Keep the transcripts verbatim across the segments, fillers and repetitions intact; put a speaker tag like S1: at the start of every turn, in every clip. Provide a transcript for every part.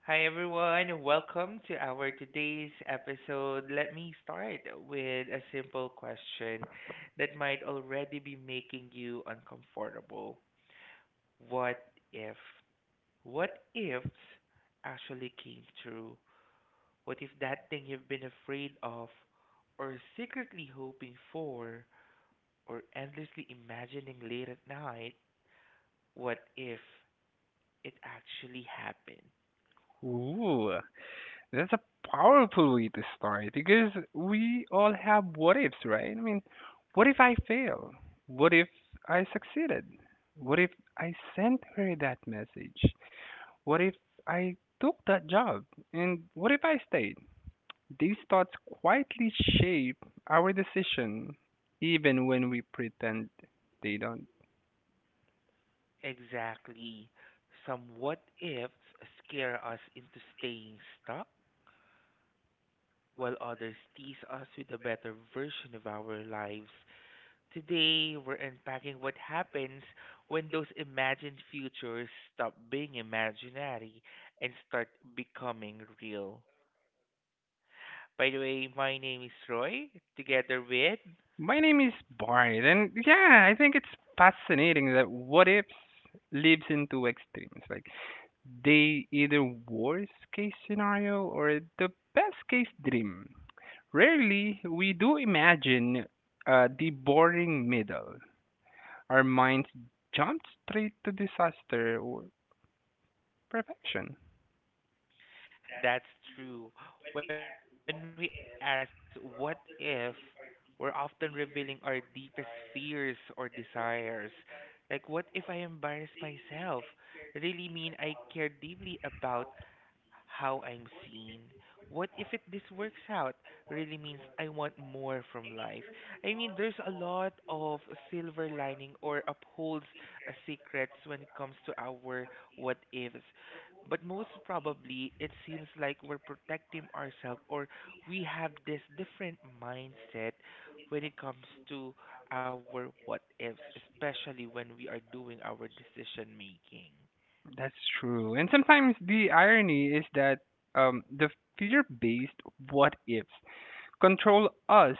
S1: Hi
S2: Hi everyone,
S1: everyone,
S2: welcome
S1: welcome to
S2: to
S1: our
S2: our
S1: today's
S2: today's. So
S1: episode. Let
S2: let
S1: me
S2: me start
S1: start
S2: with
S1: with a
S2: the
S1: simple question
S2: question
S1: that might
S2: defined over
S1: already be making you uncomfortable. What
S2: what
S1: if? What
S2: what if
S1: ifs actually came true? What if
S2: that
S1: that thing
S2: thing
S1: you've been afraid of, or
S2: or
S1: secretly hoping
S2: people
S1: for, or endlessly imagining late at night, what if it actually happened?
S2: before Ooh, that's a powerful way to start because we all have what ifs, right? I mean, what if I fail? What if I succeeded? What if I sent her that message? What if I took that job? And what if I stayed? These thoughts quietly shape our decision, even when we pretend they don't.
S1: Exactly. Some what ifs scare us into staying stuck, while others tease us with a better version of our lives. Today, we're unpacking what happens when those imagined futures stop being imaginary and start becoming real. By the way, my name is Roy, together with...
S2: My name is Bart, and yeah, I think it's fascinating that what ifs lives in two extremes. Like they either worst case scenario or the best case dream. Rarely we do imagine uh, the boring middle. Our minds jump straight to disaster or perfection.
S1: That's true. When we ask what if, we're often revealing our deepest fears or desires. Like, what if I embarrass myself? Really mean I care deeply about how I'm seen. What if it this works out really means I want more from life? I mean, there's a lot of silver lining or upholds uh, secrets when it comes to our what ifs. But most probably, it seems like we're protecting ourselves, or we have this different mindset when it comes to our what ifs, especially when we are doing our decision making.
S2: That's true. And sometimes the irony is that um, the fear based what ifs control us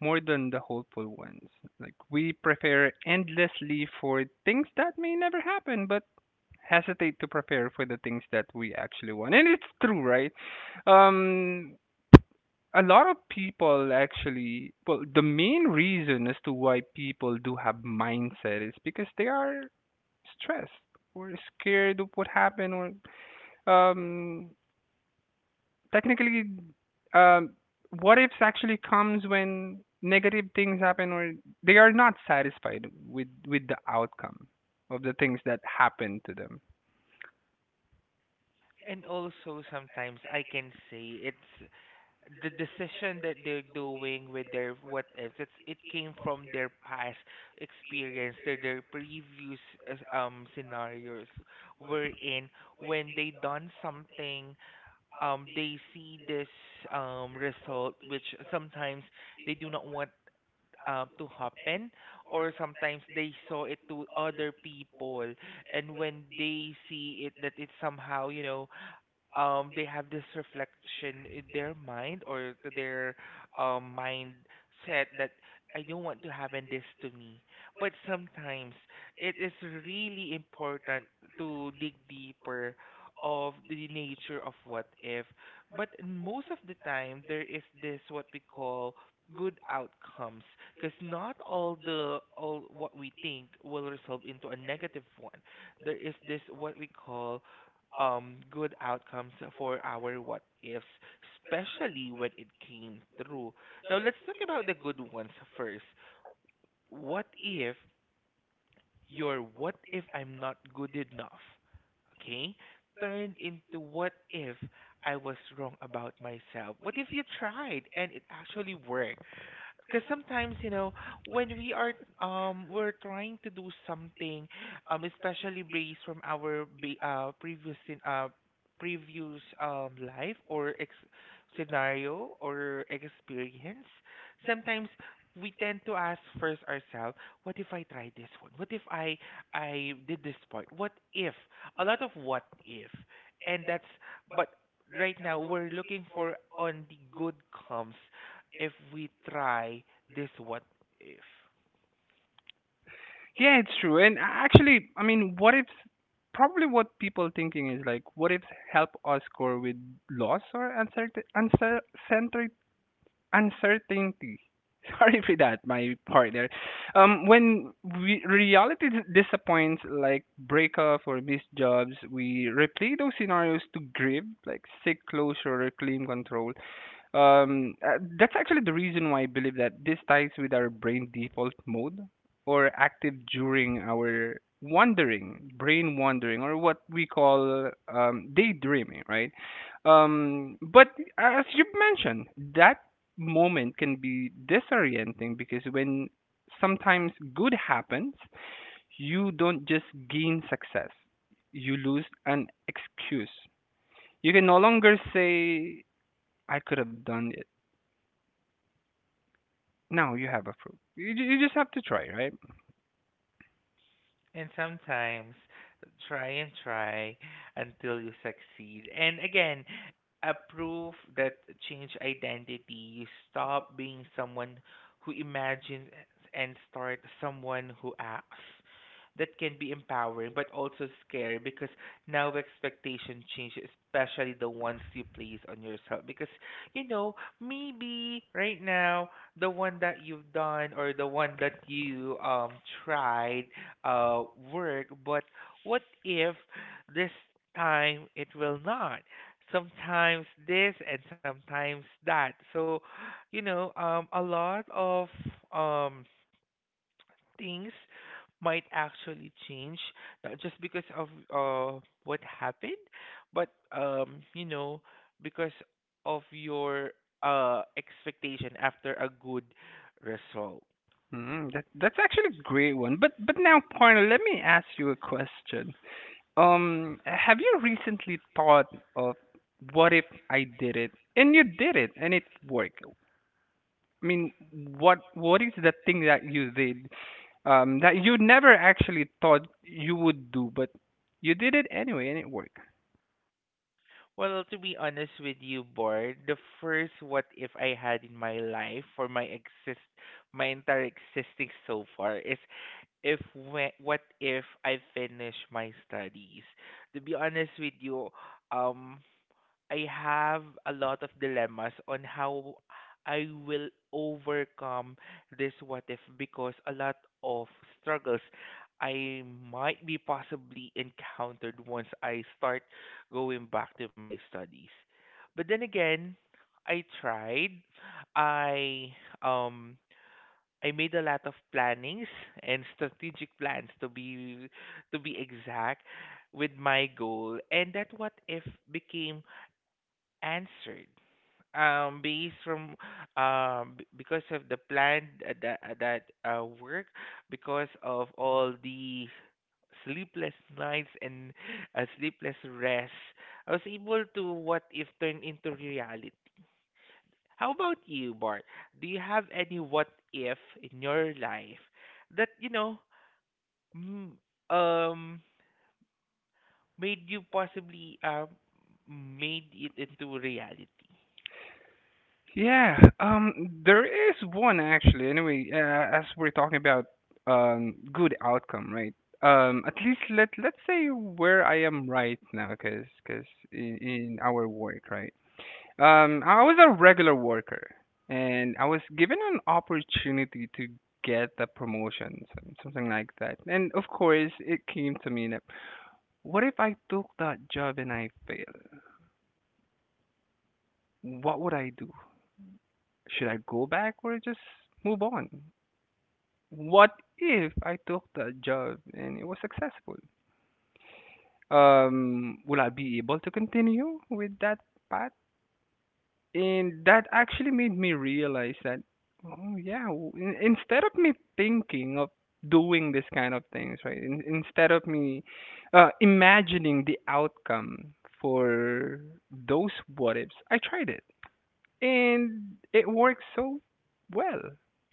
S2: more than the hopeful ones. Like we prepare endlessly for things that may never happen, but hesitate to prepare for the things that we actually want. And it's true, right? Um, a lot of people actually, well, the main reason as to why people do have mindset is because they are stressed or scared of what happened or um, technically, um, what ifs actually comes when negative things happen or they are not satisfied with with the outcome of the things that happen to them.
S1: And also sometimes I can say it's the decision that they're doing with their what ifs. It's it came from their past experience, their their previous uh, um scenarios wherein when they done something, um they see this um result which sometimes they do not want uh, to happen, or sometimes they saw it to other people, and when they see it that it's somehow, you know, um they have this reflection in their mind, or th- their um mindset that I don't want to happen this to me. But sometimes it is really important to dig deeper of the nature of what if. But most of the time there is this what we call good outcomes, because not all the all what we think will resolve into a negative one. There is this what we call, um, good outcomes for our what ifs, especially when it came through. Now, let's talk about the good ones first. What if your what if I'm not good enough, okay, turned into what if I was wrong about myself? What if you tried and it actually worked? Because sometimes, you know, when we are, um we're trying to do something, um especially based from our ba- uh previous in uh previous um life or ex- scenario or experience, sometimes we tend to ask first ourselves, what if I try this one, what if i i did this part, what if, a lot of what if, and that's, but right now we're looking for on the good comes if we try this what if.
S2: Yeah, it's true. And actually, I mean, what ifs probably what people thinking is like what ifs help us cope with loss or uncertain, uncertain uncertainty. Sorry for that, my partner. Um, when we, reality dis- disappoints, like breakup or missed jobs, we replay those scenarios to grieve, like seek closure or claim control. Um, uh, that's actually the reason why I believe that this ties with our brain default mode or active during our wandering, brain wandering, or what we call um, daydreaming, right? Um, but as you've mentioned, that moment can be disorienting because when sometimes good happens, you don't just gain success, you lose an excuse. You can no longer say, I could have done it. Now you have approved. You, ju- you just have to try, right?
S1: And sometimes try and try until you succeed. And again, a proof that change identity, you stop being someone who imagines and start someone who acts. That can be empowering but also scary, because now expectation change, especially the ones you place on yourself. Because, you know, maybe right now the one that you've done or the one that you, um tried, uh, work, but what if this time it will not? Sometimes this and sometimes that. So, you know, um, a lot of, um, things might actually change, not just because of, uh, what happened, but, um, you know, because of your, uh, expectation after a good result.
S2: Mm, that, that's actually a great one. But but now, partner, let me ask you a question. Um, have you recently thought of what if I did it and you did it and it worked? I mean, what what is the thing that you did um, that you never actually thought you would do, but you did it anyway and it worked?
S1: Well, to be honest with you, Bard, the first what if I had in my life for my exist, my entire existing so far is, if when, what if I finish my studies. To be honest with you, um I have a lot of dilemmas on how I will overcome this what if, because a lot of struggles I might be possibly encountered once I start going back to my studies. But then again, I tried. I um I made a lot of plannings and strategic plans to be, to be exact with my goal, and that what if became answered, um based from, um b- because of the plan that that uh, work, because of all the sleepless nights and, uh, sleepless rest, I was able to what if turn into reality. How about you, Bart? Do you have any what if in your life that, you know, m- um made you possibly, um made it into reality?
S2: Yeah, um, there is one actually. Anyway, uh, as we're talking about um good outcome, right? Um, at least let let's say where I am right now, cause 'cause in, in our work, right? Um, I was a regular worker, and I was given an opportunity to get a promotion, some- something like that. And of course, it came to me that what if I took that job and I fail? What would I do? Should I go back or just move on? What if I took that job and it was successful? Um, will I be able to continue with that path? And that actually made me realize that, oh yeah, w- in- instead of me thinking of doing this kind of things, right? In- instead of me uh, imagining the outcome for those what ifs, I tried it and it worked so well.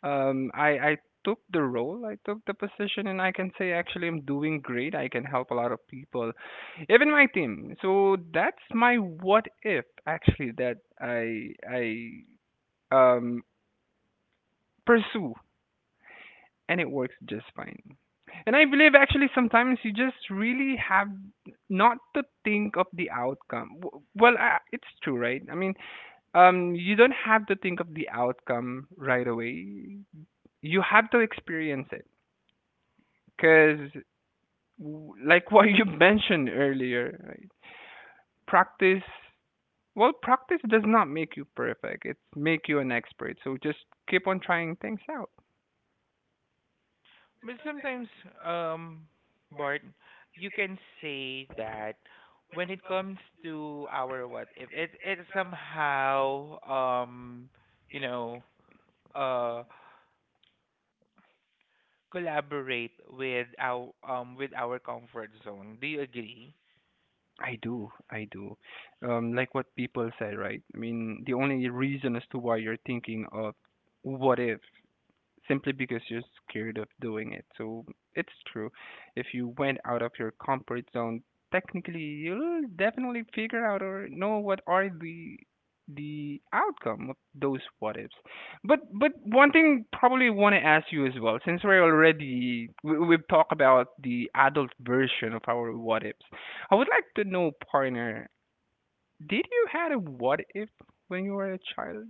S2: Um, I I took the role, I took the position, and I can say actually I'm doing great. I can help a lot of people, even my team. So that's my what if actually that I I um pursue, and it works just fine. And I believe actually sometimes you just really have not to think of the outcome. W- Well, I, it's true, right? I mean, um you don't have to think of the outcome right away. You have to experience it because like what you mentioned earlier, right? practice Well, practice does not make you perfect, it's make you an expert, so just keep on trying things out.
S1: But sometimes, um, Bart, you can say that when it comes to our what if, it it somehow, um you know, uh collaborate with our, um with our comfort zone. Do you agree?
S2: I do, I do. Um like what people say, right? I mean, the only reason as to why you're thinking of what if simply because you're scared of doing it. So it's true. If you went out of your comfort zone, technically you'll definitely figure out or know what are the the outcome of those what ifs. But but one thing probably want to ask you as well, since we're already we, we've talked about the adult version of our what ifs. I would like to know, partner, did you had a what if when you were a child,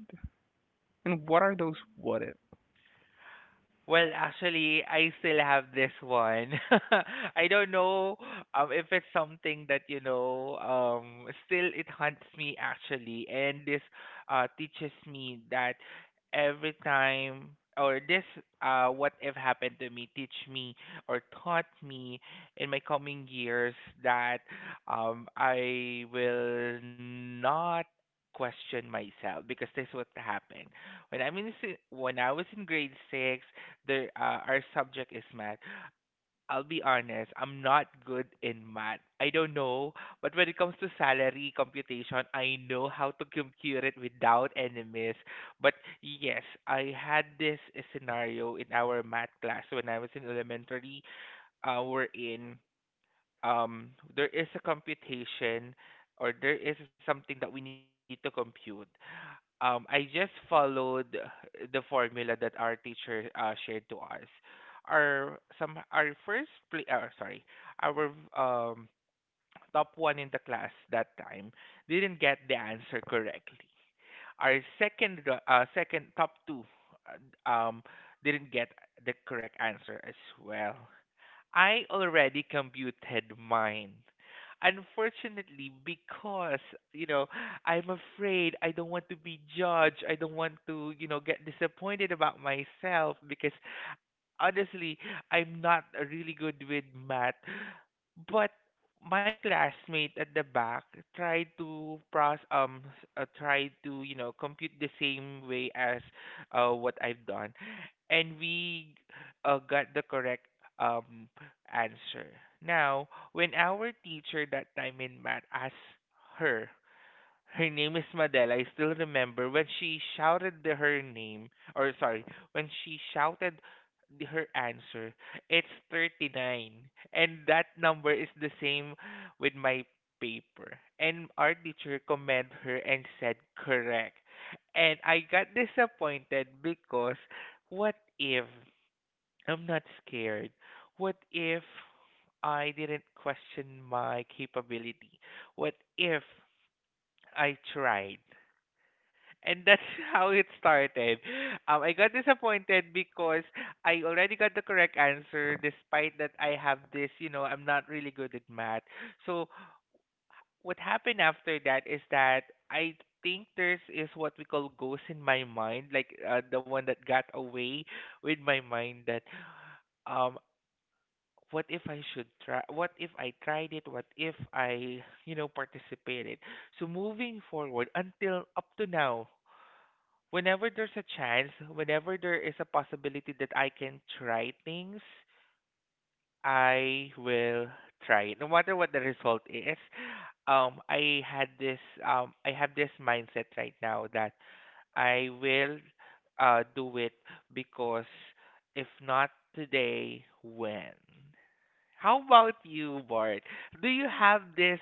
S2: and what are those what ifs?
S1: Well, actually, I still have this one. I don't know, um, if it's something that, you know, um, still it haunts me actually. And this, uh, teaches me that every time, or this, uh, what if happened to me, teach me or taught me in my coming years that, um, I will not question myself, because this what happened when I'm in si- when I was in grade six. There, uh, our subject is math. I'll be honest, I'm not good in math. I don't know, but when it comes to salary computation, I know how to compute it without any miss. But yes, I had this uh, scenario in our math class when I was in elementary. Uh, we're in, um there is a computation or there is something that we need to compute. um, I just followed the formula that our teacher uh, shared to us. Our some our first play, uh, sorry, our, um, top one in the class that time didn't get the answer correctly. Our second ru- uh, second top two, uh, um, didn't get the correct answer as well. I already computed mine. Unfortunately, because, you know, I'm afraid, I don't want to be judged. I don't want to, you know, get disappointed about myself, because honestly, I'm not really good with math. But my classmate at the back tried to process um s- uh, tried to, you know, compute the same way as uh what I've done, and we, uh, got the correct, um answer. Now, when our teacher that time in math asked her, her name is Madela. I still remember when she shouted the, her name, or sorry, when she shouted the, her answer. It's thirty-nine. And that number is the same with my paper. And our teacher commend her and said correct. And I got disappointed, because what if I'm not scared? What if I didn't question my capability? What if I tried? And that's how it started. Um, I got disappointed because I already got the correct answer, despite that I have this, you know, I'm not really good at math. So, what happened after that is that I think there's is what we call ghost in my mind, like, uh, the one that got away with my mind that, um what if I should try, what if I tried it, what if I, you know, participated. So moving forward until up to now. Whenever there's a chance, whenever there is a possibility that I can try things, I will try it, no matter what the result is. Um, I had this, um, I have this mindset right now that I will, uh, do it, because if not today, when? How about you, Bart? Do you have this?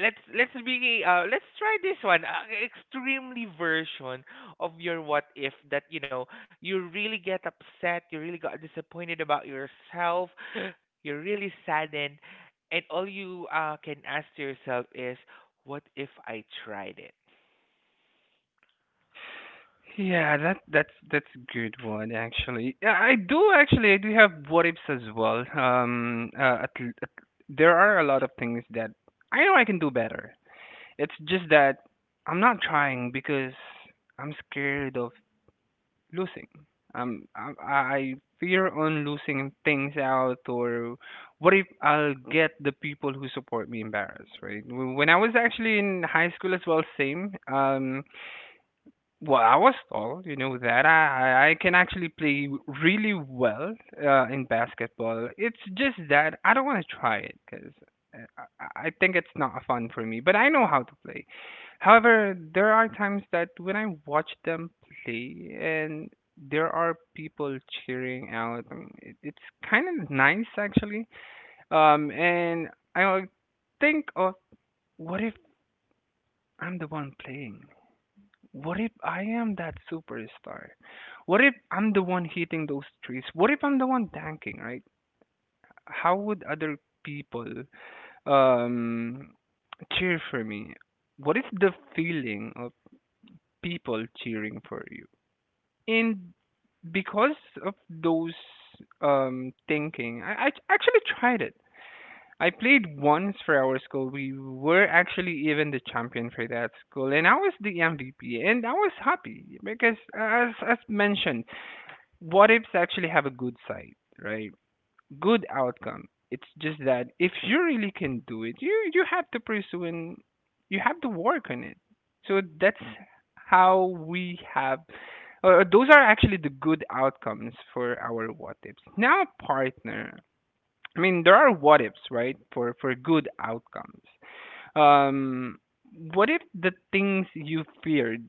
S1: let's let's be, uh let's try this one, uh, extremely version of your what if that, you know, you really get upset, you really got disappointed about yourself, you're really saddened, and all you uh can ask to yourself is, what if I tried it?
S2: Yeah, that that's that's a good one actually. Yeah, I do actually. I do have what ifs as well. Um, uh, at, l- at, there are a lot of things that I know I can do better. It's just that I'm not trying because I'm scared of losing. Um, I, I fear on losing things out, or what if I'll get the people who support me embarrassed, right? When I was actually in high school as well, same. Um, well, I was tall, you know that. I I I can actually play really well uh, in basketball. It's just that I don't want to try it because I, I I think it's not fun for me. But I know how to play. However, there are times that when I watch them play and there are people cheering out, I mean, it, it's kind of nice actually. Um, and I think of what if I'm the one playing? What if I am that superstar? What if I'm the one hitting those trees? What if I'm the one tanking, right? How would other people um cheer for me? What is the feeling of people cheering for you? And because of those um thinking, I, I actually tried it. I played once for our school. We were actually even the champion for that school, and I was the M V P, and I was happy because, as as mentioned, what ifs actually have a good side, right? Good outcome. It's just that if you really can do it, you you have to pursue and you have to work on it. So that's how we have. Uh, those are actually the good outcomes for our what ifs. Now, partner, I mean, there are what ifs, right? For for good outcomes. Um, what if the things you feared?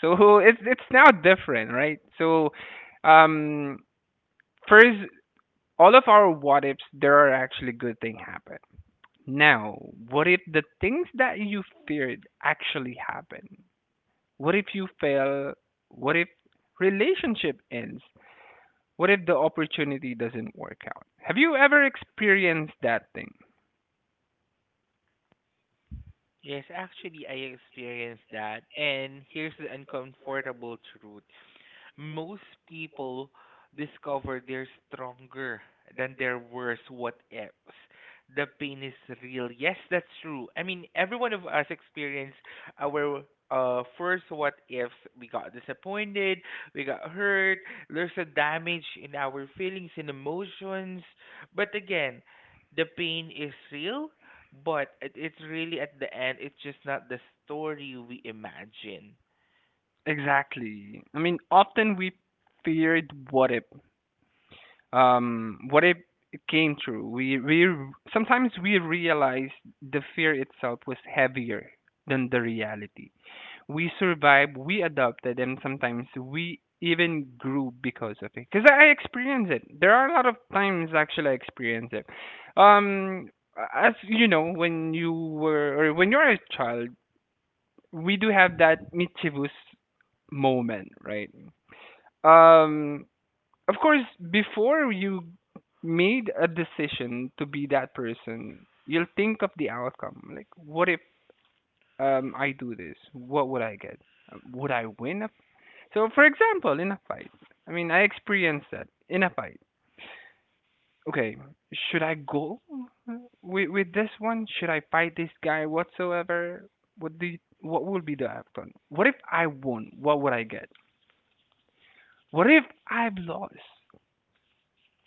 S2: So it's it's now different, right? So, um, first, all of our what ifs, there are actually good things happen. Now, what if the things that you feared actually happen? What if you fail? What if relationship ends? What if the opportunity doesn't work out? Have you ever experienced that thing?
S1: Yes, actually I experienced that, and here's the uncomfortable truth. Most people discover they're stronger than their worst what ifs. The pain is real. Yes, that's true. I mean, every one of us experienced our, uh first what ifs. We got disappointed, we got hurt, there's a damage in our feelings and emotions. But again, the pain is real, but it, it's really at the end, it's just not the story we imagine.
S2: Exactly. I mean, often we feared what if, um, what if it came true. We we r- sometimes we realize the fear itself was heavier than the reality. We survived, we adopted, and sometimes we even grew because of it. Because I, I experience it. There are a lot of times actually I experience it. Um, as you know, when you were or when you're a child, we do have that mischievous moment, right? um of course before you made a decision to be that person you'll think of the outcome, like what if um I do this, what would I get? Um, would I win a, so for example in a fight, I mean I experienced that in a fight, okay, should I go with, with this one, should I fight this guy whatsoever? What do you, what would be the outcome? What if I won, what would I get? What if I've lost?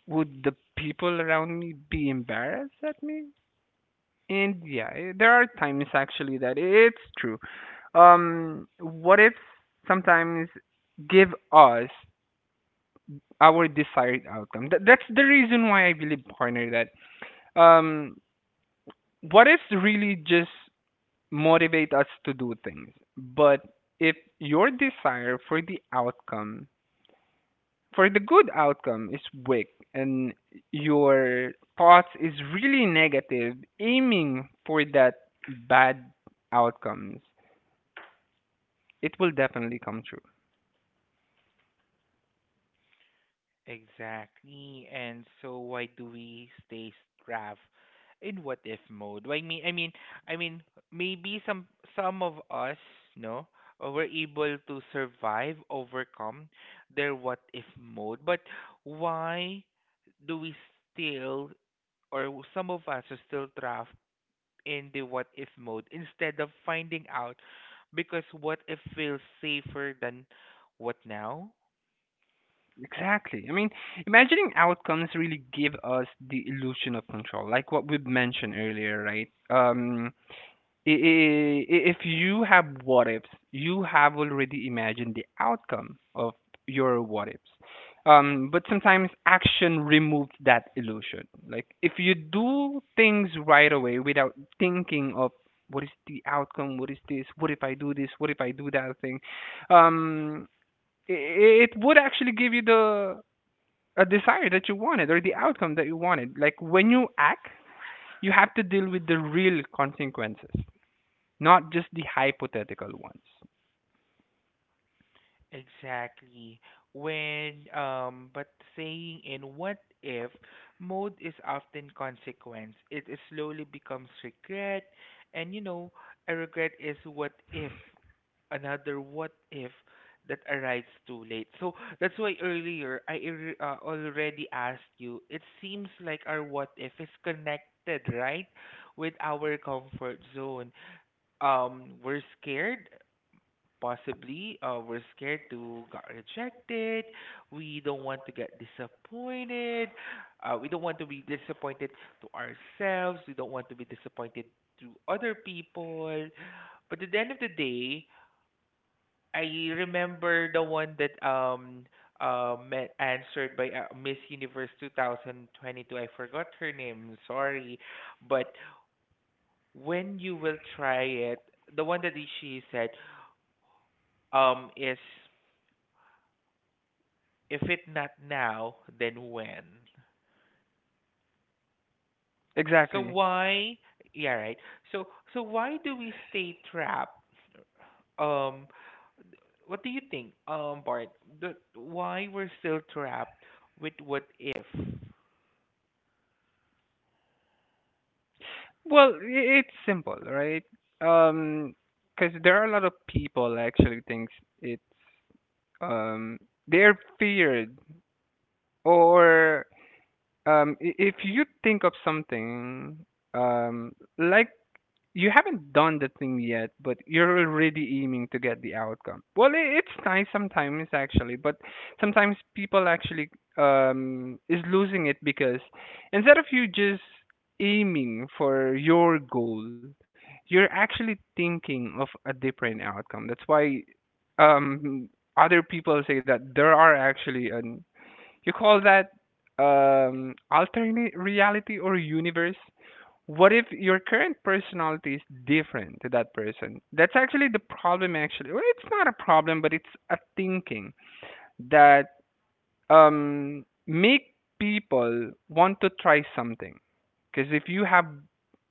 S2: Would the people around me be embarrassed at me? And yeah, eh, there are times actually that it's true. Um, what if sometimes give us our desired outcome? That, that's the reason why I believe, partner, that um, what ifs really just motivate us to do things. But if your desire for the outcome, for the good outcome, is weak and your thoughts is really negative aiming for that bad outcomes, it will definitely come true.
S1: Exactly. And so why do we stay strapped in what if mode? Why me I mean, I mean, maybe some some of us, no, uh, were able to survive, overcome their what if mode. But why do we still, or w- some of us are still trapped in the what if mode instead of finding out, because what if feels safer than what now?
S2: Exactly. I mean, imagining outcomes really give us the illusion of control, like what we've mentioned earlier, right? Um i- i- i- if you have what ifs, you have already imagined the outcome of your what ifs. Um, but sometimes action removes that illusion. Like if you do things right away without thinking of what is the outcome, what is this, what if I do this, what if I do that thing, um, i i- it would actually give you the, a desire that you wanted or the outcome that you wanted. Like when you act, you have to deal with the real consequences not just the hypothetical ones.
S1: Exactly. When, um, but saying in what if mode is often consequence. It is slowly becomes regret, and you know, a regret is what if, another what if that arrives too late. So that's why earlier I ir- uh, already asked you. It seems like our what if is connected, right, with our comfort zone. Um, we're scared, possibly, uh, we're scared to get rejected. We don't want to get disappointed. Uh, we don't want to be disappointed to ourselves. We don't want to be disappointed to other people. But at the end of the day, I remember the one that um uh, met, answered by uh, Miss Universe two thousand twenty-two. I forgot her name. Sorry, but when you will try it, the one that she said um is if it not now, then when? So
S2: Exactly.
S1: why? Yeah, right. So so why do we stay trapped? Um, what do you think, um, Bart? That why we're still trapped with what if?
S2: Well, i- it's simple, right? Um, because there are a lot of people actually thinks it's um they're feared or um i- if you think of something um like you haven't done the thing yet, but you're already aiming to get the outcome. Well, I it's nice sometimes actually, but sometimes people actually um is losing it because instead of you just aiming for your goal, you're actually thinking of a different outcome. That's why um other people say that there are actually an you call that, um, alternate reality or universe? What if your current personality is different to that person? That's actually the problem. Actually, well, it's not a problem, but it's a thinking that um, make people want to try something. Because if you have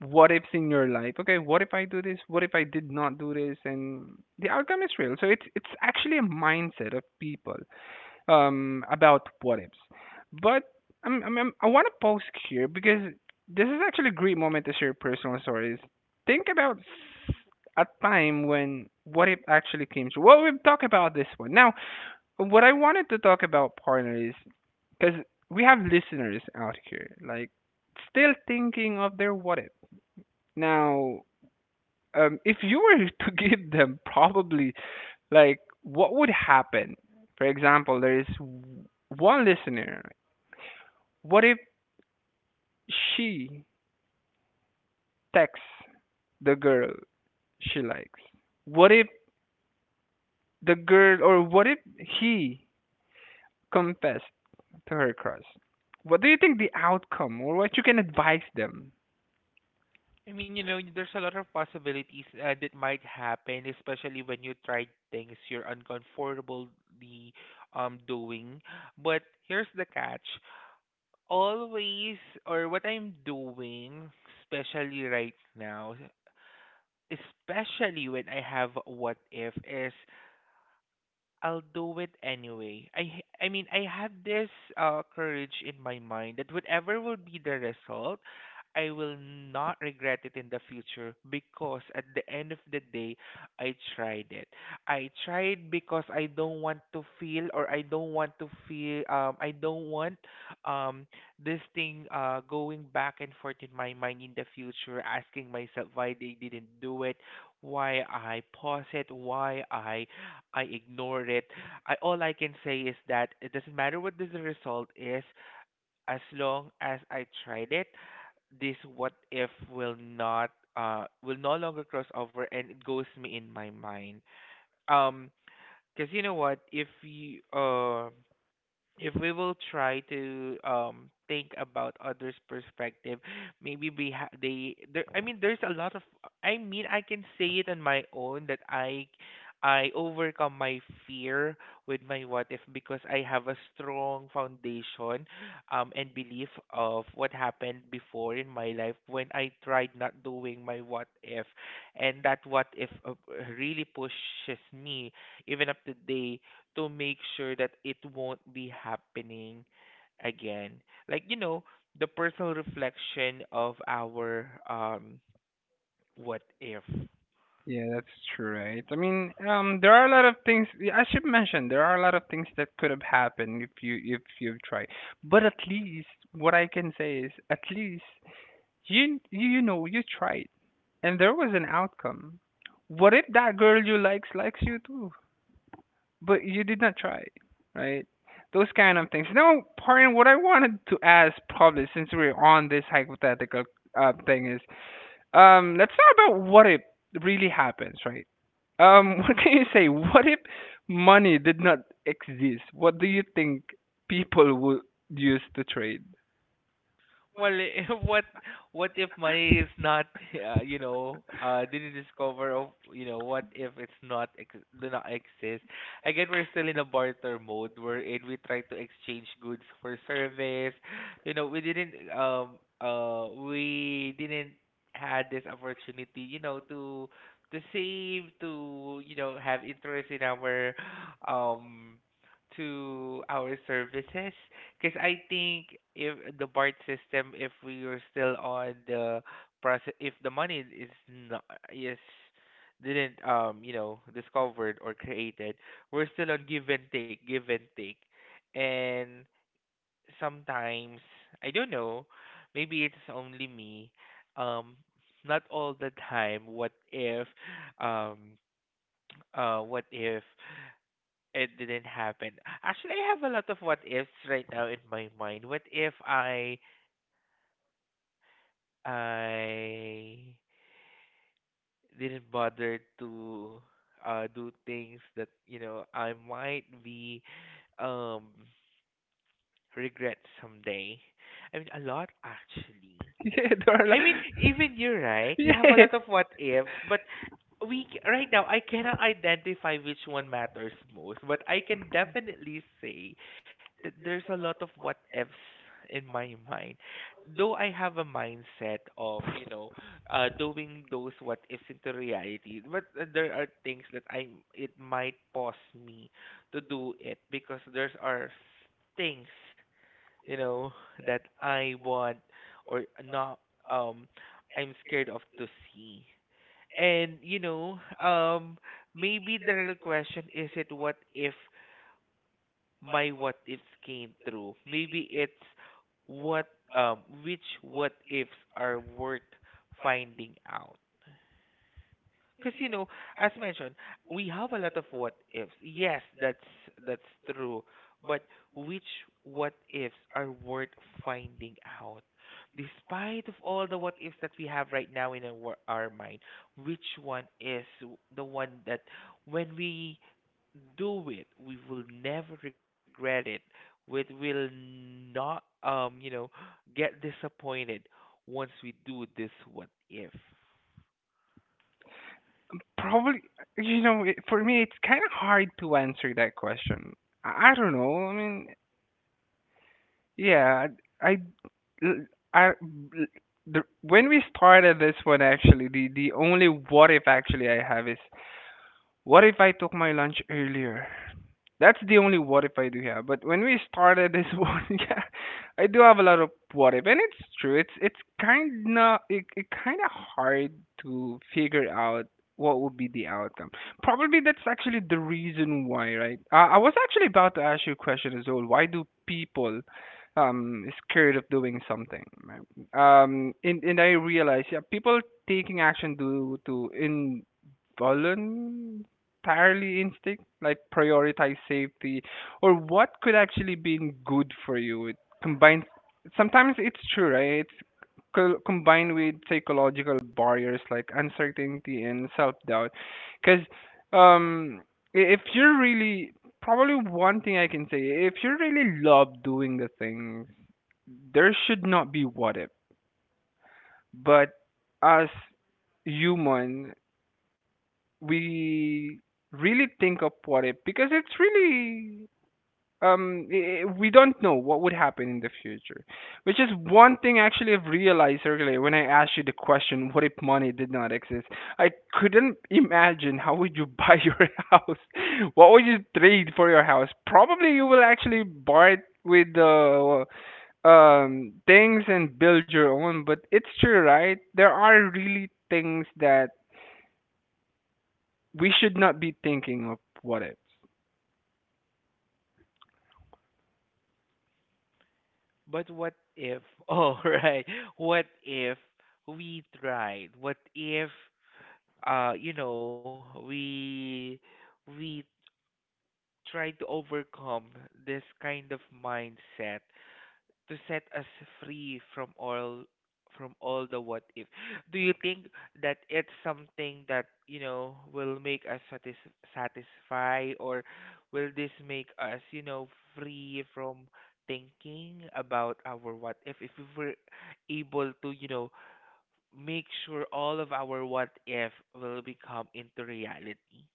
S2: what ifs in your life, okay, what if I do this? What if I did not do this? And the outcome is real. So it's it's actually a mindset of people um, about what ifs. But I'm, I'm, i want to post here because this is actually a great moment to share personal stories. Think about s- a time when what if actually came true. Well, we've talked about this one. Now, what I wanted to talk about, partner, is because we have listeners out here, like still thinking of their what if. Now, um, if you were to give them probably, like, what would happen? For example, there is one listener. What if she texts the girl she likes? What if the girl, or what if he confessed to her crush? What do you think the outcome, or what you can advise them?
S1: I mean, you know, there's a lot of possibilities uh, that might happen, especially when you try things you're uncomfortably um doing. But here's the catch: always, or what I'm doing, especially right now, especially when I have what if is I'll do it anyway. I h- I mean I have this uh courage in my mind that whatever will be the result, I will not regret it in the future because at the end of the day, I tried it. I tried because I don't want to feel or I don't want to feel um I don't want um this thing uh going back and forth in my mind in the future asking myself why they didn't do it, why I pause it, why I I ignored it. I all I can say is that it doesn't matter what the result is, as long as I tried it, this what if will not uh will no longer cross over and it goes me in my mind. Um, because you know what, if you uh if we will try to um think about others' perspective, maybe we ha- they there. I mean, there's a lot of. I mean, I can say it on my own that I I overcome my fear with my what if because I have a strong foundation um and belief of what happened before in my life when I tried not doing my what if, and that what if uh, really pushes me even up to day to make sure that it won't be happening again. Like, you know, the personal reflection of our um what if.
S2: Yeah, that's true, right? I mean, um, there are a lot of things. Yeah, I should mention there are a lot of things that could have happened if you if you've tried. But at least what I can say is, at least You you you know you tried, and there was an outcome. What if that girl you likes likes you too, but you did not try, right? Those kind of things. Now, pardon, what I wanted to ask probably since we're on this hypothetical uh, thing is, um, let's talk about what if really happens, right? Um, what can you say? What if money did not exist? What do you think people would use to trade?
S1: Well, what what if money is not, uh, you know, uh, didn't discover of, you know, what if it's not ex do not exist? Again, we're still in a barter mode wherein we try to exchange goods for service. You know, we didn't um uh we didn't had this opportunity, you know, to to save, to, you know, have interest in our um to our services. Because I think if the BART system, if we were still on the process, if the money is not is didn't um you know discovered or created, we're still on give and take, give and take, and sometimes I don't know, maybe it's only me, um, not all the time. What if, um, uh, what if? It didn't happen. Actually, I have a lot of what ifs right now in my mind. What if I I didn't bother to uh do things that, you know, I might be um regret someday? I mean, a lot actually.
S2: Yeah, there are, a lot-
S1: I mean, even you're right. You have a
S2: yeah,
S1: lot of what ifs, but we c- right now I cannot identify which one matters most, but I can definitely say th- there's a lot of what ifs in my mind. Though I have a mindset of, you know, uh, doing those what ifs into reality, but uh, there are things that I it might pause me to do it because there's are s- things, you know, that I want or not um I'm scared of to see. And you know, um maybe the real question is it what if my what ifs came true. Maybe it's what um which what ifs are worth finding out. Because you know, as mentioned, we have a lot of what ifs. Yes, that's that's true. But which what ifs are worth finding out? Despite of all the what ifs that we have right now in our, wor- our mind, which one is w- the one that when we do it, we will never regret it. We will not, um, you know, get disappointed once we do this what if.
S2: probably, you know, it, for me, it's kind of hard to answer that question. I, I don't know. I mean, yeah, I, I- I- the, when we started this one, actually, the, the only what if actually I have is what if I took my lunch earlier? That's the only what if I do have. But when we started this one, yeah, I do have a lot of what if, and it's true. It's it's kind of it, it kind of hard to figure out what would be the outcome. Probably that's actually the reason why, right? Uh, I was actually about to ask you a question as well. Why do people um scared of doing something, right? Um, and and I realize, yeah, people taking action due to involuntary entirely instinct, like prioritize safety, or what could actually be good for you? It combines. Sometimes it's true, right? It's co- combined with psychological barriers like uncertainty and self-doubt, because um, i- if you're really probably one thing I can say, if you really love doing the things, there should not be what if, but as human we really think of what if because it's really um i- i- we don't know what would happen in the future, which is one thing actually I've realized earlier when I asked you the question, what if money did not exist? I couldn't imagine how would you buy your house. What would you trade for your house? Probably you will actually buy it with the um things and build your own. But it's true, right? There are really things that we should not be thinking of what ifs.
S1: But what if, oh, right, what if we tried? What if, uh, you know, we we try to overcome this kind of mindset to set us free from all, from all the what if. Do you think that it's something that, you know, will make us satis- satisfy, or will this make us, you know, free from thinking about our what if if we were able to, you know, make sure all of our what if will become into reality?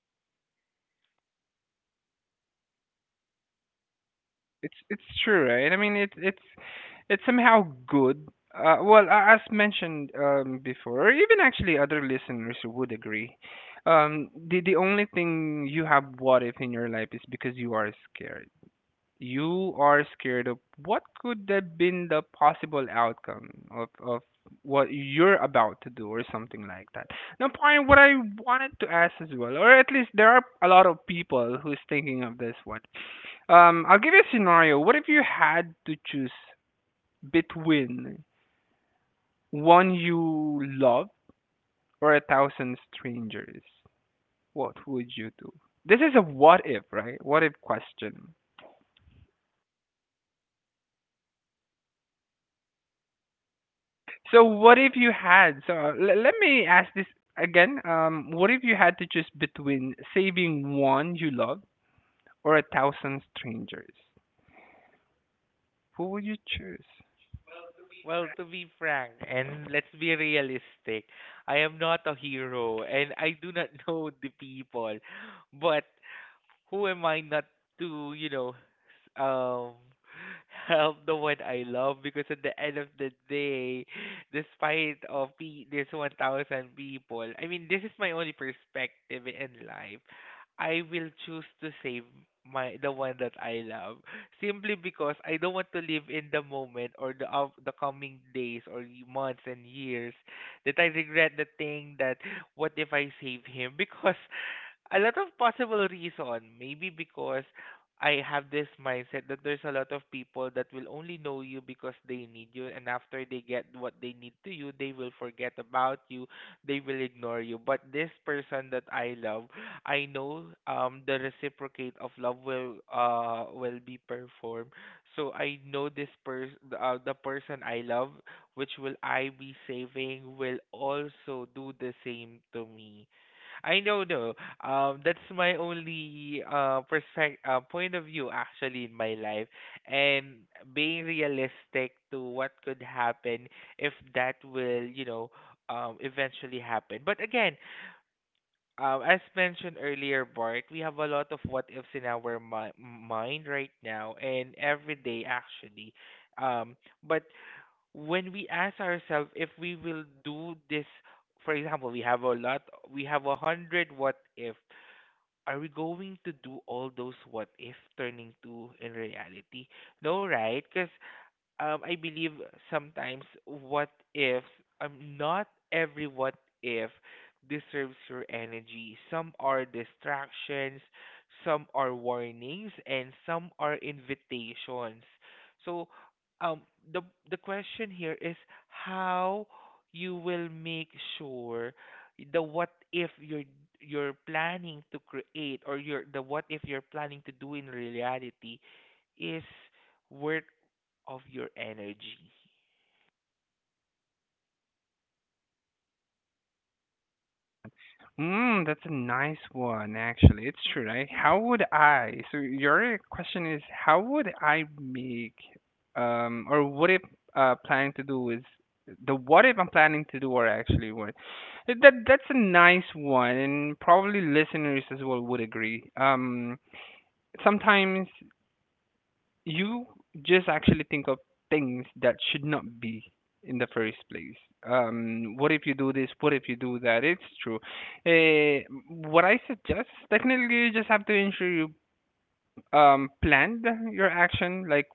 S2: It's it's true, right? I mean, it's it's it's somehow good. Uh, well, a- as mentioned um, before, or even actually other listeners would agree. Um, the the only thing you have what if in your life is because you are scared. You are scared of what could have been the possible outcome of, of what you're about to do or something like that. Now, point what I wanted to ask as well, or at least there are a lot of people who's thinking of this one. Um, I'll give you a scenario. What if you had to choose between one you love or a thousand strangers? What would you do? This is a what if, right? What if question. So what if you had? So uh, l- let me ask this again. Um, what if you had to choose between saving one you love or a thousand strangers? Who would you choose?
S1: Well, to be frank, and let's be realistic, I am not a hero and I do not know the people. But who am I not to, you know, s- um, help the one I love? Because at the end of the day, despite of pe- this one thousand people, I mean, this is my only perspective in life. I will choose to save my the one that I love simply because I don't want to live in the moment or the of the coming days or y- months and years that I regret the thing that what if I save him because a lot of possible reason. Maybe because I have this mindset that there's a lot of people that will only know you because they need you, and after they get what they need to you, they will forget about you, they will ignore you. But this person that I love, I know um the reciprocate of love will uh will be performed. So I know this person, uh, the person I love, which will I be saving, will also do the same to me. I know, no. Um, that's my only uh perspective, uh, point of view actually in my life, and being realistic to what could happen if that will, you know, um, eventually happen. But again, um, as mentioned earlier, Bart, we have a lot of what ifs in our mi- mind right now and every day actually. Um, but when we ask ourselves if we will do this, for example, we have a lot, we have a hundred what if. Are we going to do all those what if turning to in reality? No, right? Because um, I believe sometimes what ifs, um, not every what if deserves your energy. Some are distractions, some are warnings, and some are invitations. So, um, the the question here is how you will make sure the what if you're you're planning to create, or your the what if you're planning to do in reality, is worth of your energy.
S2: Mm, that's a nice one, actually. It's true, right? How would I? So your question is, how would I make, um, or what if uh, planning to do is the what if I'm planning to do or actually what? That that's a nice one, and probably listeners as well would agree. Um, sometimes you just actually think of things that should not be in the first place. Um, what if you do this? What if you do that? It's true. Uh, what I suggest, technically, you just have to ensure you um, planned your action. Like,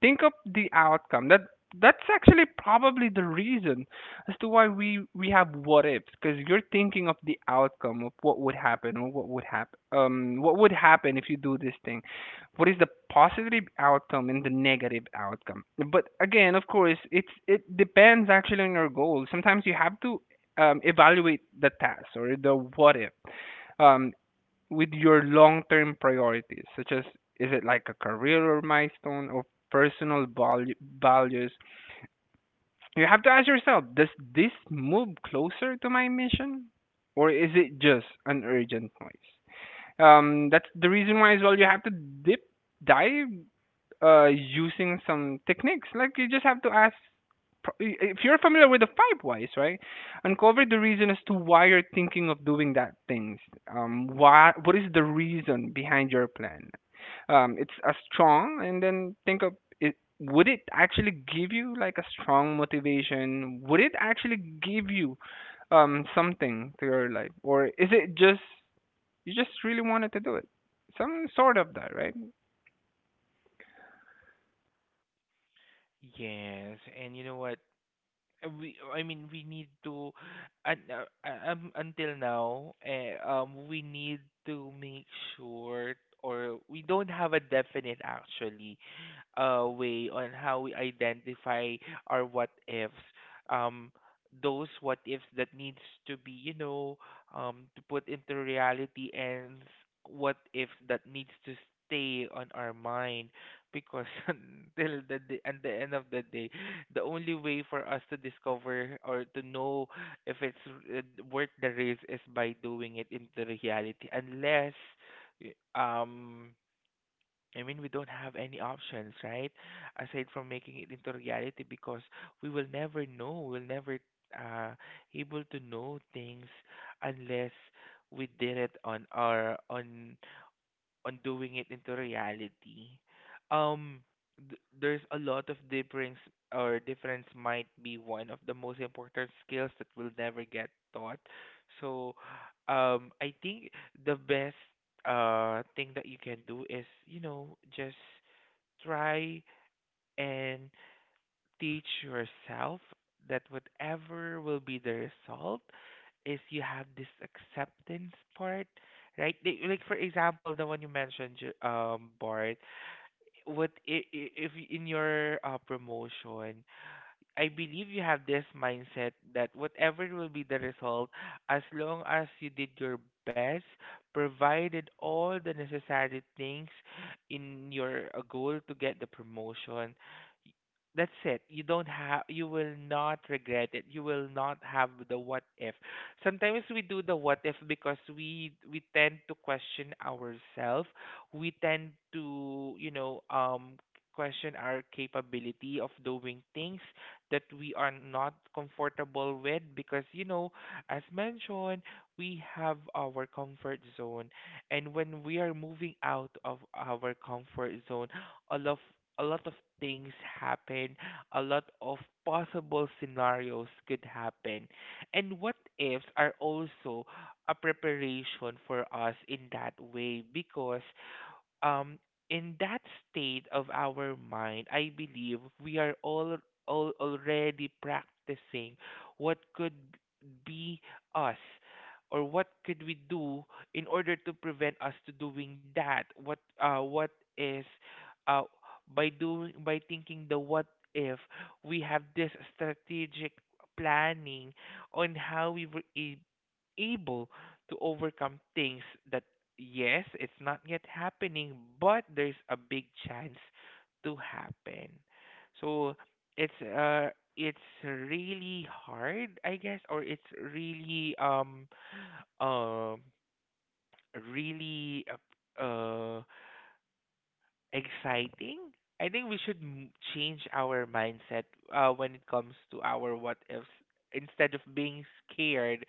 S2: think of the outcome. That that's actually probably the reason as to why we we have what ifs, because you're thinking of the outcome of what would happen, or what would happen, um what would happen if you do this thing. What is the positive outcome and the negative outcome? But again, of course, it's it depends actually on your goal. Sometimes you have to um, evaluate the task or the what if um, with your long-term priorities, such as is it like a career or milestone or personal valu- values? You have to ask yourself, does this move closer to my mission? Or is it just an urgent noise? Um, that's the reason why as well you have to dip dive, uh, using some techniques. Like, you just have to ask. If you're familiar with the five whys, right? Uncover the reason as to why you're thinking of doing that things. Um, why? What is the reason behind your plan? Um, it's a strong, and then think of it. Would it actually give you, like, a strong motivation? Would it actually give you um something to your life, or is it just you just really wanted to do it? Some sort of that, right?
S1: Yes, and you know what? uh, we, I mean we need to and uh, uh, um, until now eh, um we need to make sure or we don't have a definite actually uh way on how we identify our what ifs, um those what ifs that needs to be, you know, um to put into reality, and s- what ifs that needs to stay on our mind, because until the day, at the end of the day the only way for us to discover or to know if it's uh, worth the risk is by doing it into reality, unless y- um I mean we don't have any options, right, aside from making it into reality, because we will never know, we'll never uh able to know things unless we did it on our on on doing it into reality. um, th- there's a lot of difference, or difference might be one of the most important skills that will never get taught. So, um, I think the best uh thing that you can do is, you know, just try and teach yourself that whatever will be the result is you have this acceptance part, right? Like, like for example, the one you mentioned, Ju- um, Bart. What i- i- if in your uh, promotion I believe you have this mindset that whatever will be the result, as long as you did your best, provided all the necessary things in your uh, goal to get the promotion, y- that's it. You don't have, you will not regret it. You will not have the what if. Sometimes we do the what if because we we tend to question ourselves. We tend to, you know, um, question our capability of doing things that we are not comfortable with, because you know as mentioned, we have our comfort zone. And when we are moving out of our comfort zone, a lot of a lot of things happen. A lot of possible scenarios could happen, and what ifs are also a preparation for us in that way. Because um in that state of our mind, I believe we are all al- already practicing what could be us or what could we do in order to prevent us to doing that. What, uh what is, uh by doing by thinking the what if, we have this strategic planning on how we were a- able to overcome things that, yes, it's not yet happening, but there's a big chance to happen. So it's uh it's really hard, I guess, or it's really um um really uh, uh exciting? I think we should m- change our mindset uh, when it comes to our what ifs. Instead of being scared,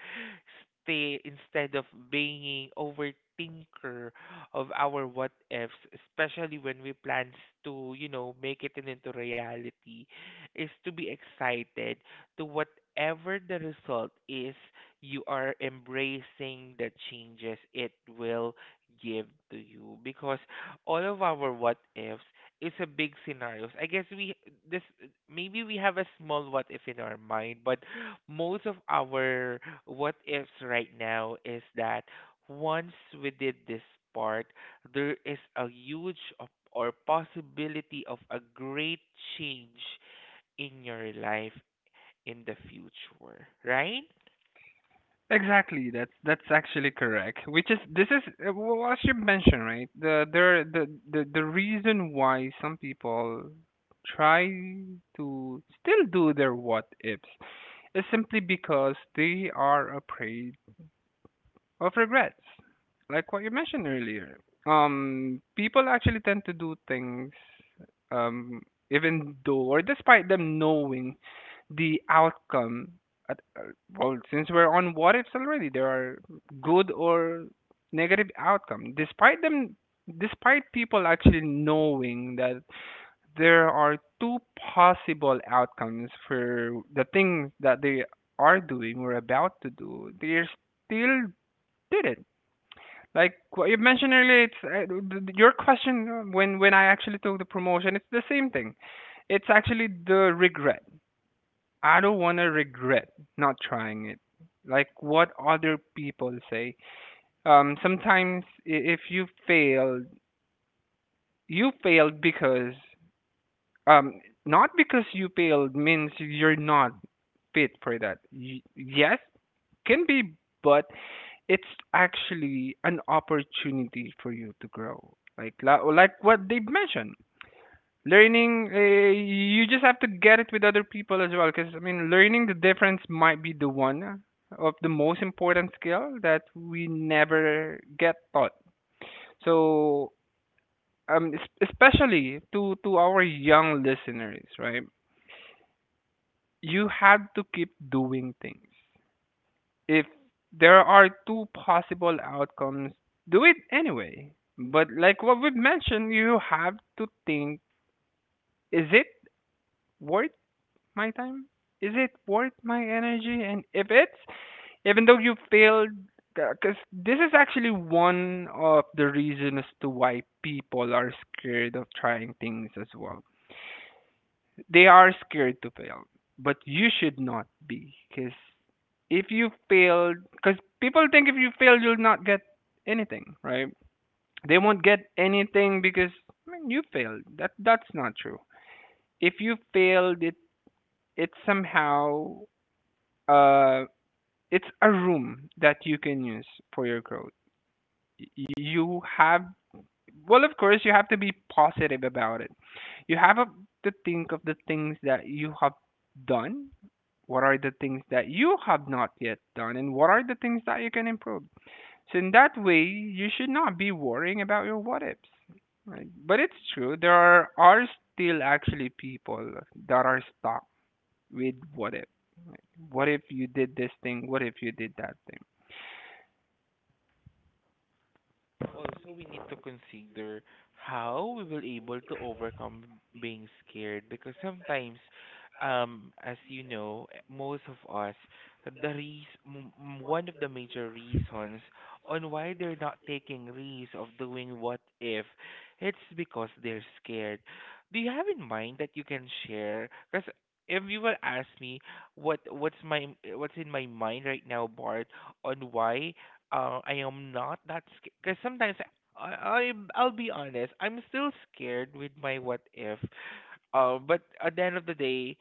S1: stay instead of being overthinker of our what ifs, especially when we plan to, you know, make it in- into reality, is to be excited to whatever the result is. You are embracing the changes it will give to you, because all of our what ifs is a big scenarios. I guess we this maybe we have a small what if in our mind, but most of our what ifs right now is that once we did this part, there is a huge op- or possibility of a great change in your life in the future, right?
S2: Exactly. That's that's actually correct. Which is this is uh, wh- what you mentioned, right? The there the, the the reason why some people try to still do their what ifs is simply because they are afraid of regrets, like what you mentioned earlier. Um, people actually tend to do things, um, even though or despite them knowing the outcome. At, uh, well, since we're on what ifs already, there are good or negative outcome. Despite them, despite people actually knowing that there are two possible outcomes for the things that they are doing or about to do, they still did it, like what you mentioned earlier. It's uh, th- th- your question, when when I actually took the promotion. It's the same thing. It's actually the regret. I don't want to regret not trying it. Like what other people say. Um, sometimes i- if you failed, you failed because, um, not because you failed means you're not fit for that. Y- yes, can be, but it's actually an opportunity for you to grow. Like, la- like what they've mentioned, learning. Uh, you just have to get it with other people as well. Because I mean, learning the difference might be the one of the most important skill that we never get taught. So um, es- especially to to our young listeners, right? You have to keep doing things. If there are two possible outcomes, do it anyway. But like what we've mentioned, you have to think, is it worth my time? Is it worth my energy? And if it's, even though you failed, because this is actually one of the reasons to why people are scared of trying things as well. They are scared to fail, but you should not be. Because if you failed, because people think if you fail, you'll not get anything, right? They won't get anything because, I mean, you failed. That that's not true. If you failed, it it's somehow, uh it's a room that you can use for your growth. Y- You have, well, of course, you have to be positive about it. You have a, to think of the things that you have done. What are the things that you have not yet done, and what are the things that you can improve? So in that way, you should not be worrying about your what ifs, right? But it's true, there are, are still actually people that are stuck with what if. What if you did this thing? What if you did that thing?
S1: Also, we need to consider how we will able to overcome being scared, because sometimes, um, as you know, eh, most of us, the reas- m- m- one of the major reasons on why they're not taking risks of doing what if, it's because they're scared. Do you have in mind that you can share? Because if you will ask me what what's my what's in my mind right now, Bart, on why uh, I am not that scared, because sometimes, I, I I'll be honest, I'm still scared with my what if. Uh, but at the end of the day,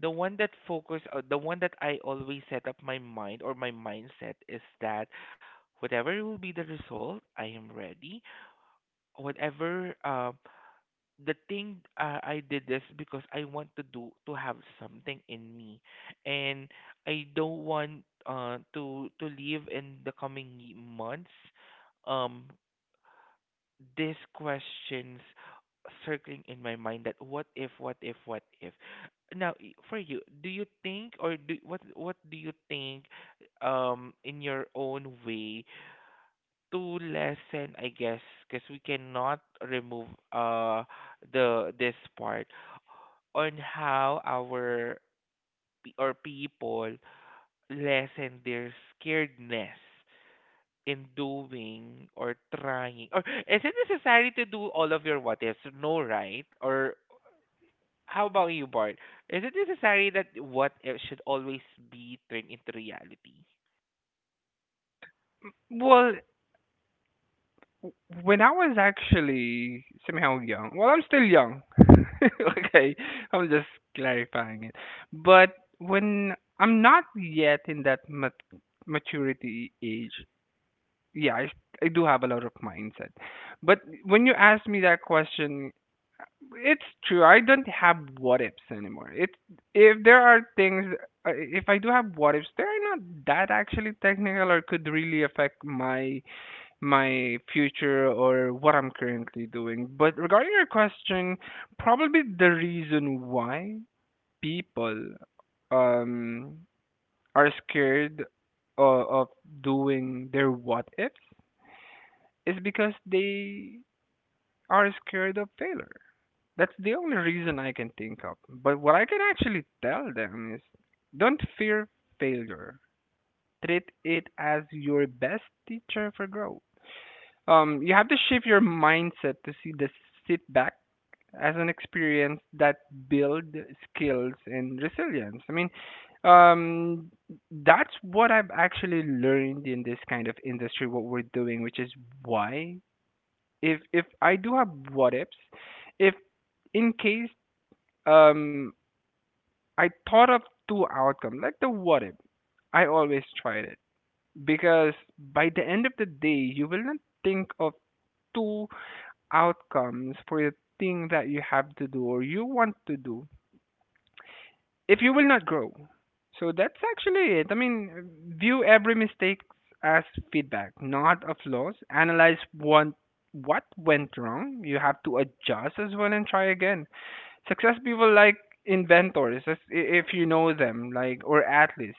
S1: the one that focus, uh, the one that I always set up my mind or my mindset is that whatever will be the result, I am ready. Whatever uh, the thing uh, I did this because I want to do to have something in me. And I don't want uh to to live in the coming ye- months. Um, these questions circling in my mind: that what if, what if, what if? Now, i- for you, do you think or do what what do you think um in your own way to lessen, I guess, because we cannot remove uh the this part on how our pe- or people lessen their scaredness in doing or trying. Or is it necessary to do all of your what ifs? No, right? Or how about you, Bart? Is it necessary that what if should always be turned into reality?
S2: Well, when I was actually somehow young, well, I'm still young. Okay, I'm just clarifying it. But when I'm not yet in that mat- maturity age, yeah, I, I do have a lot of mindset. But when you ask me that question, it's true. I don't have what ifs anymore. It If there are things, uh, if I do have what ifs, they are not that actually technical or could really affect my my future or what I'm currently doing. But regarding your question, probably the reason why people um are scared of, of doing their what ifs is because they are scared of failure. That's the only reason I can think of. But what I can actually tell them is don't fear failure. Treat it as your best teacher for growth. Um, you have to shift your mindset to see the sit back as an experience that build skills and resilience. I mean, um, that's what I've actually learned in this kind of industry, what we're doing, which is why if if I do have what ifs, if in case um I thought of two outcomes, like the what if, I always tried it because by the end of the day, you will not think of two outcomes for the thing that you have to do or you want to do if you will not grow. So that's actually it. I mean, view every mistake as feedback, not a flaws. Analyze what what went wrong. You have to adjust as well and try again. Success people like inventors, as- i- if you know them, like or athletes,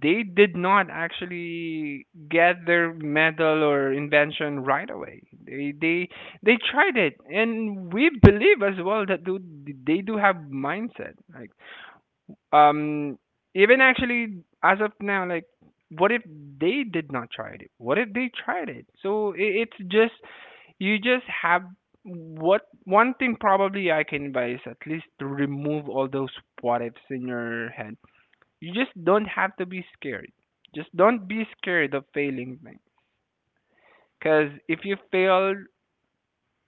S2: they did not actually get their medal or invention right away. They they they tried it, and we believe as well that do, they do have mindset. Like um, even actually as of now, like what if they did not try it? What if they tried it? So it, it's just you just have what one thing probably I can advise at least to remove all those what ifs in your head. You just don't have to be scared. Just don't be scared of failing things. Because if you fail,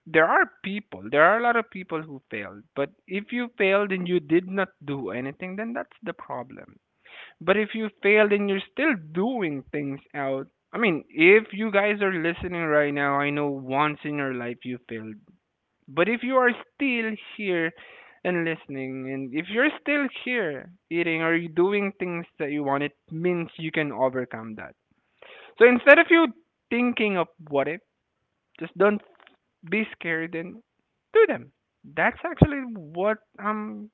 S2: there are people, there are a lot of people who failed. But if you failed and you did not do anything, then that's the problem. But if you failed and you're still doing things out, I mean, if you guys are listening right now, I know once in your life you failed. But if you are still here and listening, and if you're still here eating or you doing things that you want, it means you can overcome that. So instead of you thinking of what if, just don't be scared and do them. That's actually what I'm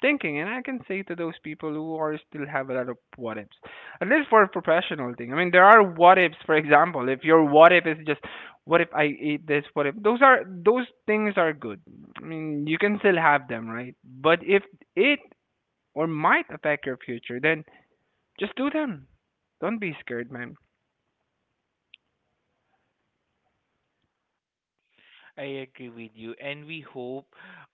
S2: thinking, and I can say to those people who are still have a lot of what ifs, at least for a professional thing. I mean, there are what ifs. For example, if your what if is just what if I eat this, what if those are those things are good. I mean, you can still have them, right? But if it or might affect your future, then just do them. Don't be scared, man.
S1: I agree with you, and we hope,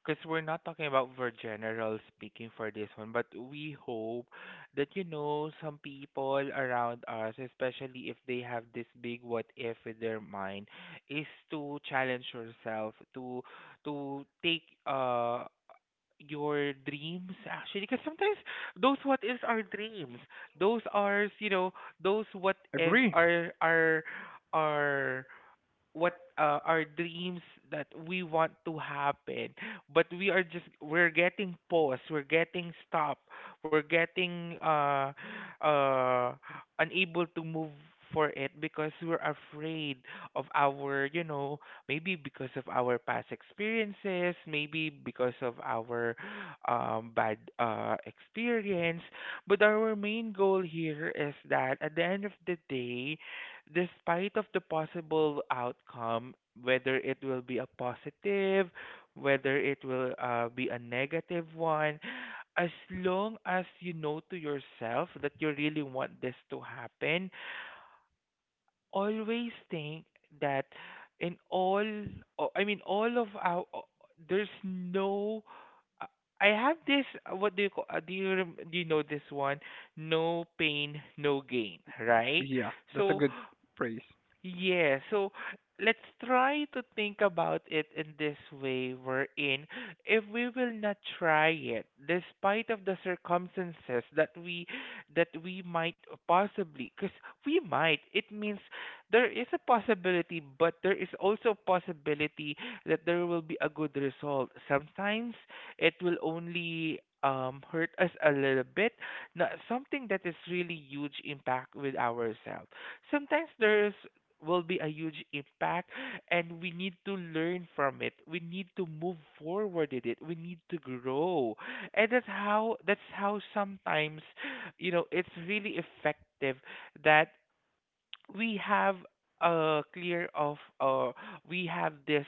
S1: because we're not talking about for general speaking for this one, but we hope that, you know, some people around us, especially if they have this big what if in their mind, is to challenge yourself to to take uh your dreams, actually, because sometimes those what ifs are dreams. Those are you know those what ifs
S2: Agree?
S1: are are are what uh, our dreams that we want to happen, but we are just we're getting paused, we're getting stopped, we're getting uh uh unable to move for it, because we're afraid of our you know maybe because of our past experiences, maybe because of our um bad uh experience. But our main goal here is that at the end of the day, despite of the possible outcome, whether it will be a positive, whether it will uh, be a negative one, as long as you know to yourself that you really want this to happen, always think that in all, o- I mean, all of our, o- there's no. uh, I have this. uh, What do you call? uh, Do you rem- do you know this one? No pain, no gain. Right.
S2: Yeah, that's a
S1: So,
S2: good phrase.
S1: yeah, so let's try to think about it in this way we're in. If we will not try it, despite of the circumstances that we that we might possibly, because we might, it means there is a possibility, but there is also a possibility that there will be a good result. Sometimes it will only um, hurt us a little bit, not something that is really huge impact with ourselves. Sometimes there's will be a huge impact, and we need to learn from it, we need to move forward in it, we need to grow. And that's how that's how sometimes, you know, it's really effective, that we have a clear of uh we have this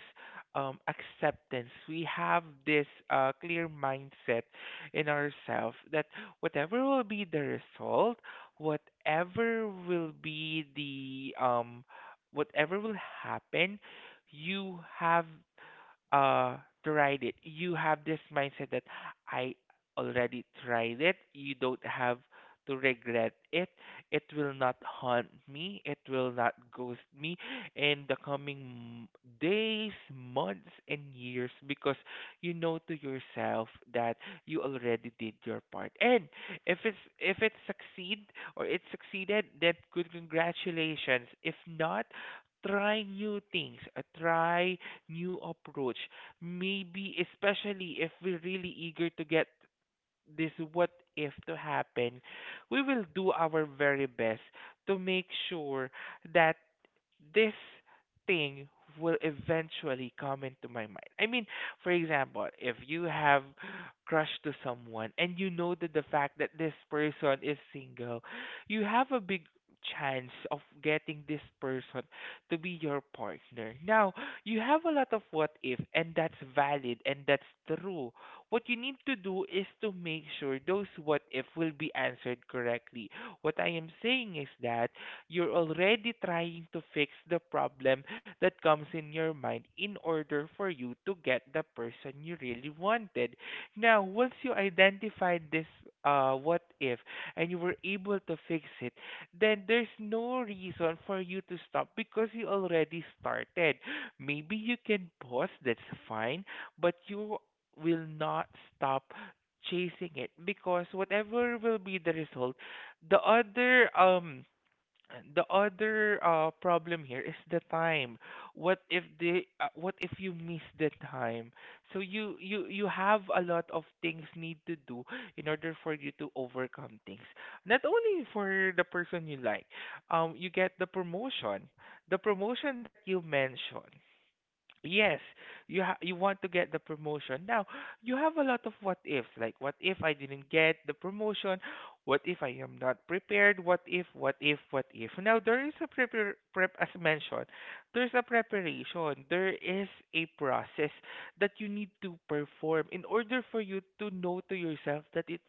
S1: um acceptance, we have this uh clear mindset in ourselves, that whatever will be the result, whatever will be the um whatever will happen, you have uh tried it. You have this mindset that I already tried it, you don't have to regret it. It will not haunt me, it will not ghost me in the coming m- days, months, and years, because you know to yourself that you already did your part. And if it's if it succeed, or it succeeded, then good, congratulations. If not, try new things. Uh, try new approach. Maybe, especially if we're really eager to get this what if to happen, we will do our very best to make sure that this thing will eventually come into my mind. I mean, for example, if you have crush to someone and you know that the fact that this person is single, you have a big chance of getting this person to be your partner. Now, you have a lot of what if, and that's valid, and that's true. What you need to do is to make sure those what if will be answered correctly. What I am saying is that you're already trying to fix the problem that comes in your mind in order for you to get the person you really wanted. Now, once you identified this uh, what if and you were able to fix it, then there's no reason for you to stop, because you already started. Maybe you can pause, that's fine, but you will not stop chasing it, because whatever will be the result, the other um and the other, uh, problem here is the time. What if they uh, what if you miss the time? So, you you you have a lot of things need to do in order for you to overcome things. Not only for the person you like. Um you get the promotion. The promotion that you mentioned. Yes, you ha you want to get the promotion. Now, you have a lot of what ifs, like, what if I didn't get the promotion? What if I am not prepared? What if, what if, what if? Now, there is a prepar prep as mentioned. There's a preparation. There is a process that you need to perform in order for you to know to yourself that it's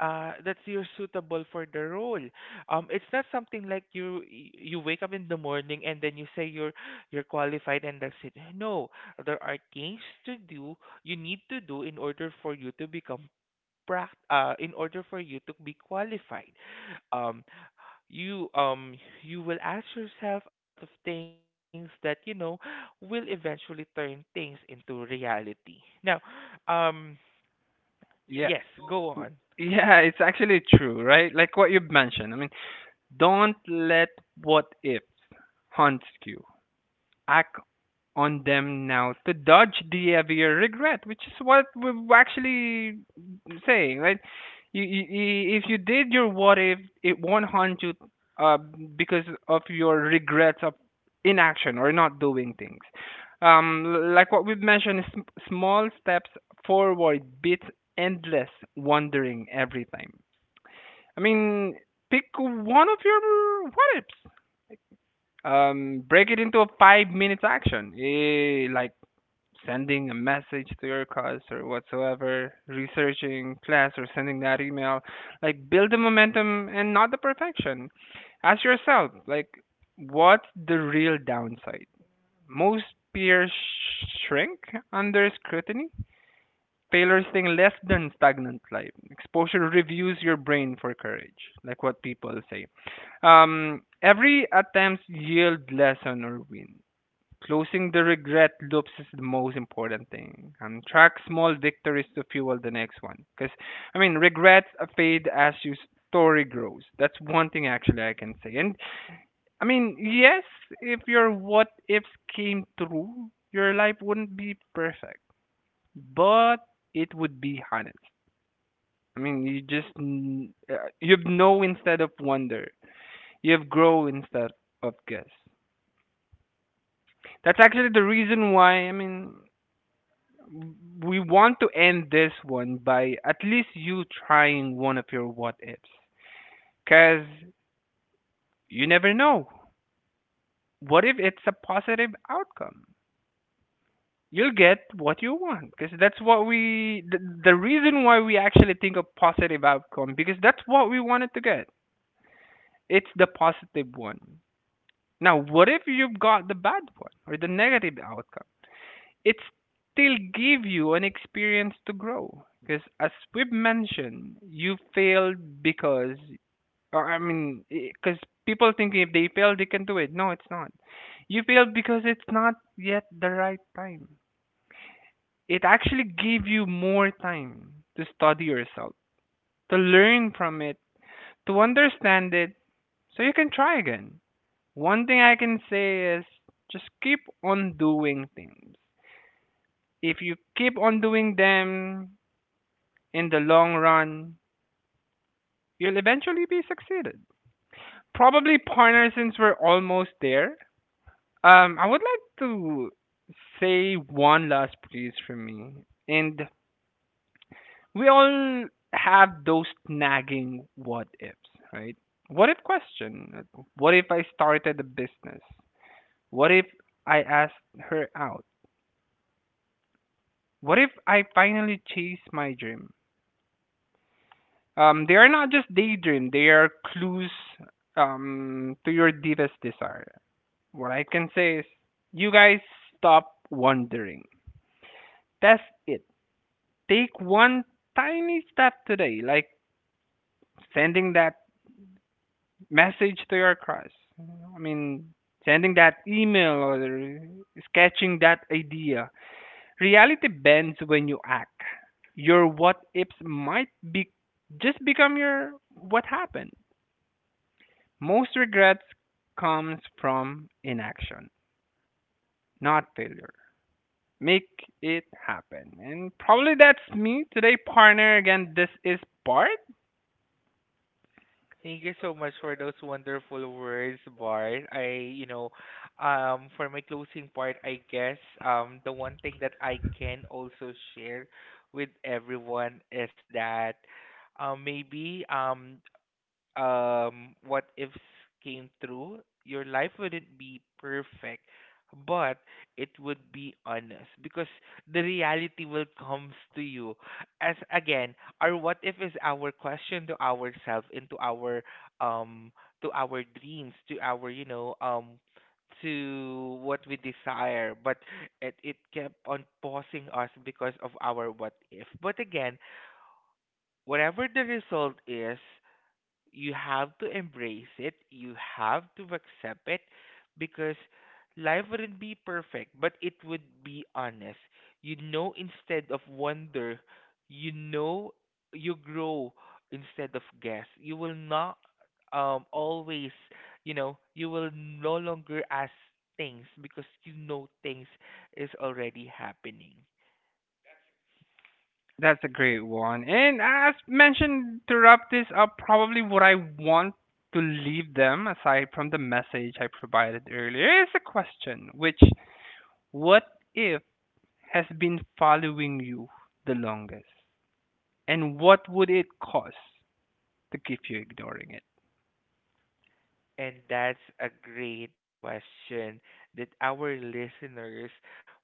S1: uh that you're suitable for the role. Um, it's not something like you you wake up in the morning and then you say you're you're qualified and that's it. No, there are things to do, you need to do in order for you to become pract. Uh, in order for you to be qualified. Um, you um you will ask yourself a lot of things that you know will eventually turn things into reality. Now, um, yes,
S2: Yeah.
S1: go on.
S2: Yeah, it's actually true, right? Like what you've mentioned. I mean, don't let what ifs haunt you. Act on them now to dodge the heavier regret, which is what we're actually saying, right? You, you, if you did your what if, it won't haunt you uh, because of your regrets of inaction or not doing things. Um, like what we've mentioned, is sm- small steps forward beats endless wandering every time. I mean, pick one of your what ifs. Um, break it into a five minutes action, eh, like sending a message to your class or whatsoever, researching class or sending that email. Like build the momentum and not the perfection. Ask yourself, like, what's the real downside? Most peers sh- shrink under scrutiny. Taylor's thing less than stagnant life. Exposure reviews your brain for courage, like what people say. Um, every attempt yield lesson or win. Closing the regret loops is the most important thing, and track small victories to fuel the next one. Because I mean, regrets fade as your story grows. That's one thing actually I can say. And I mean, yes, if your what ifs came true, your life wouldn't be perfect, but it would be honest. I mean, you just n- uh, you have know instead of wonder. You have grow instead of guess. That's actually the reason why I mean we want to end this one by at least you trying one of your what ifs cuz you never know. What if it's a positive outcome? You'll get what you want because that's what we the, the reason why we actually think of positive outcome because that's what we wanted to get, it's the positive one. Now, what if you've got the bad one or the negative outcome? It still give you an experience to grow because as we've mentioned, you failed because or, I mean, because people thinking if they fail they can do it. No, it's not. You failed because it's not yet the right time. It actually gave you more time to study yourself, to learn from it, to understand it, so you can try again. One thing I can say is just keep on doing things. If you keep on doing them in the long run, you'll eventually be succeeded. Probably partner, since we're almost there. Um, I would like to say one last please from me. And we all have those nagging what ifs, right? What if question? What if I started a business? What if I asked her out? What if I finally chase my dream? Um, they are not just daydream; they are clues um to your deepest desire. What I can say is, you guys stop wondering. Test it. Take one tiny step today, like sending that message to your crush. I mean, sending that email or sketching that idea. Reality bends when you act. Your what ifs might be just become your what happened. Most regrets comes from inaction, not failure. Make it happen. And probably that's me today, partner. Again, this is Bart.
S1: Thank you so much for those wonderful words, Bart. I, you know, um, for my closing part, I guess, um, the one thing that I can also share with everyone is that, um, maybe, um, um what ifs came through? Your life wouldn't be perfect, but it would be honest, because the reality will comes to you. As again, our what if is our question to ourselves, into our um to our dreams, to our, you know, um to what we desire, but it, it kept on pausing us because of our what if. But again, whatever the result is, you have to embrace it, you have to accept it, because life wouldn't be perfect, but it would be honest. You know instead of wonder, you know you grow instead of guess. You will not, um always, you know, you will no longer ask things, because you know things is already happening.
S2: That's a great one. And as mentioned, to wrap this up, probably what I want to leave them, aside from the message I provided earlier, is a question, which: what if has been following you the longest? And what would it cost to keep you ignoring it?
S1: And that's a great question that our listeners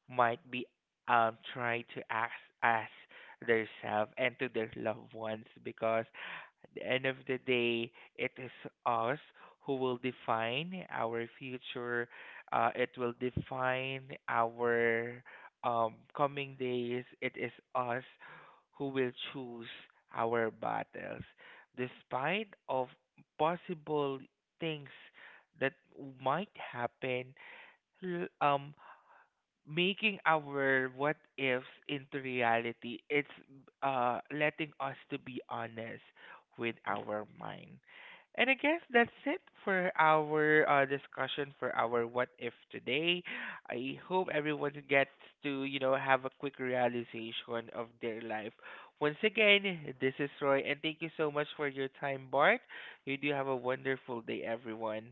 S1: might be um trying to ask ask themselves and to their loved ones, because the end of the day, it is us who will define our future. Uh, it will define our, um, coming days. It is us who will choose our battles. Despite of possible things that might happen, l- um, making our what ifs into reality, it's uh letting us to be honest with our mind. And I guess that's it for our uh, discussion for our what if today. I hope everyone gets to, you know have a quick realization of their life. Once again, this is Roy, and thank you so much for your time, Bart. You do have a wonderful day, everyone.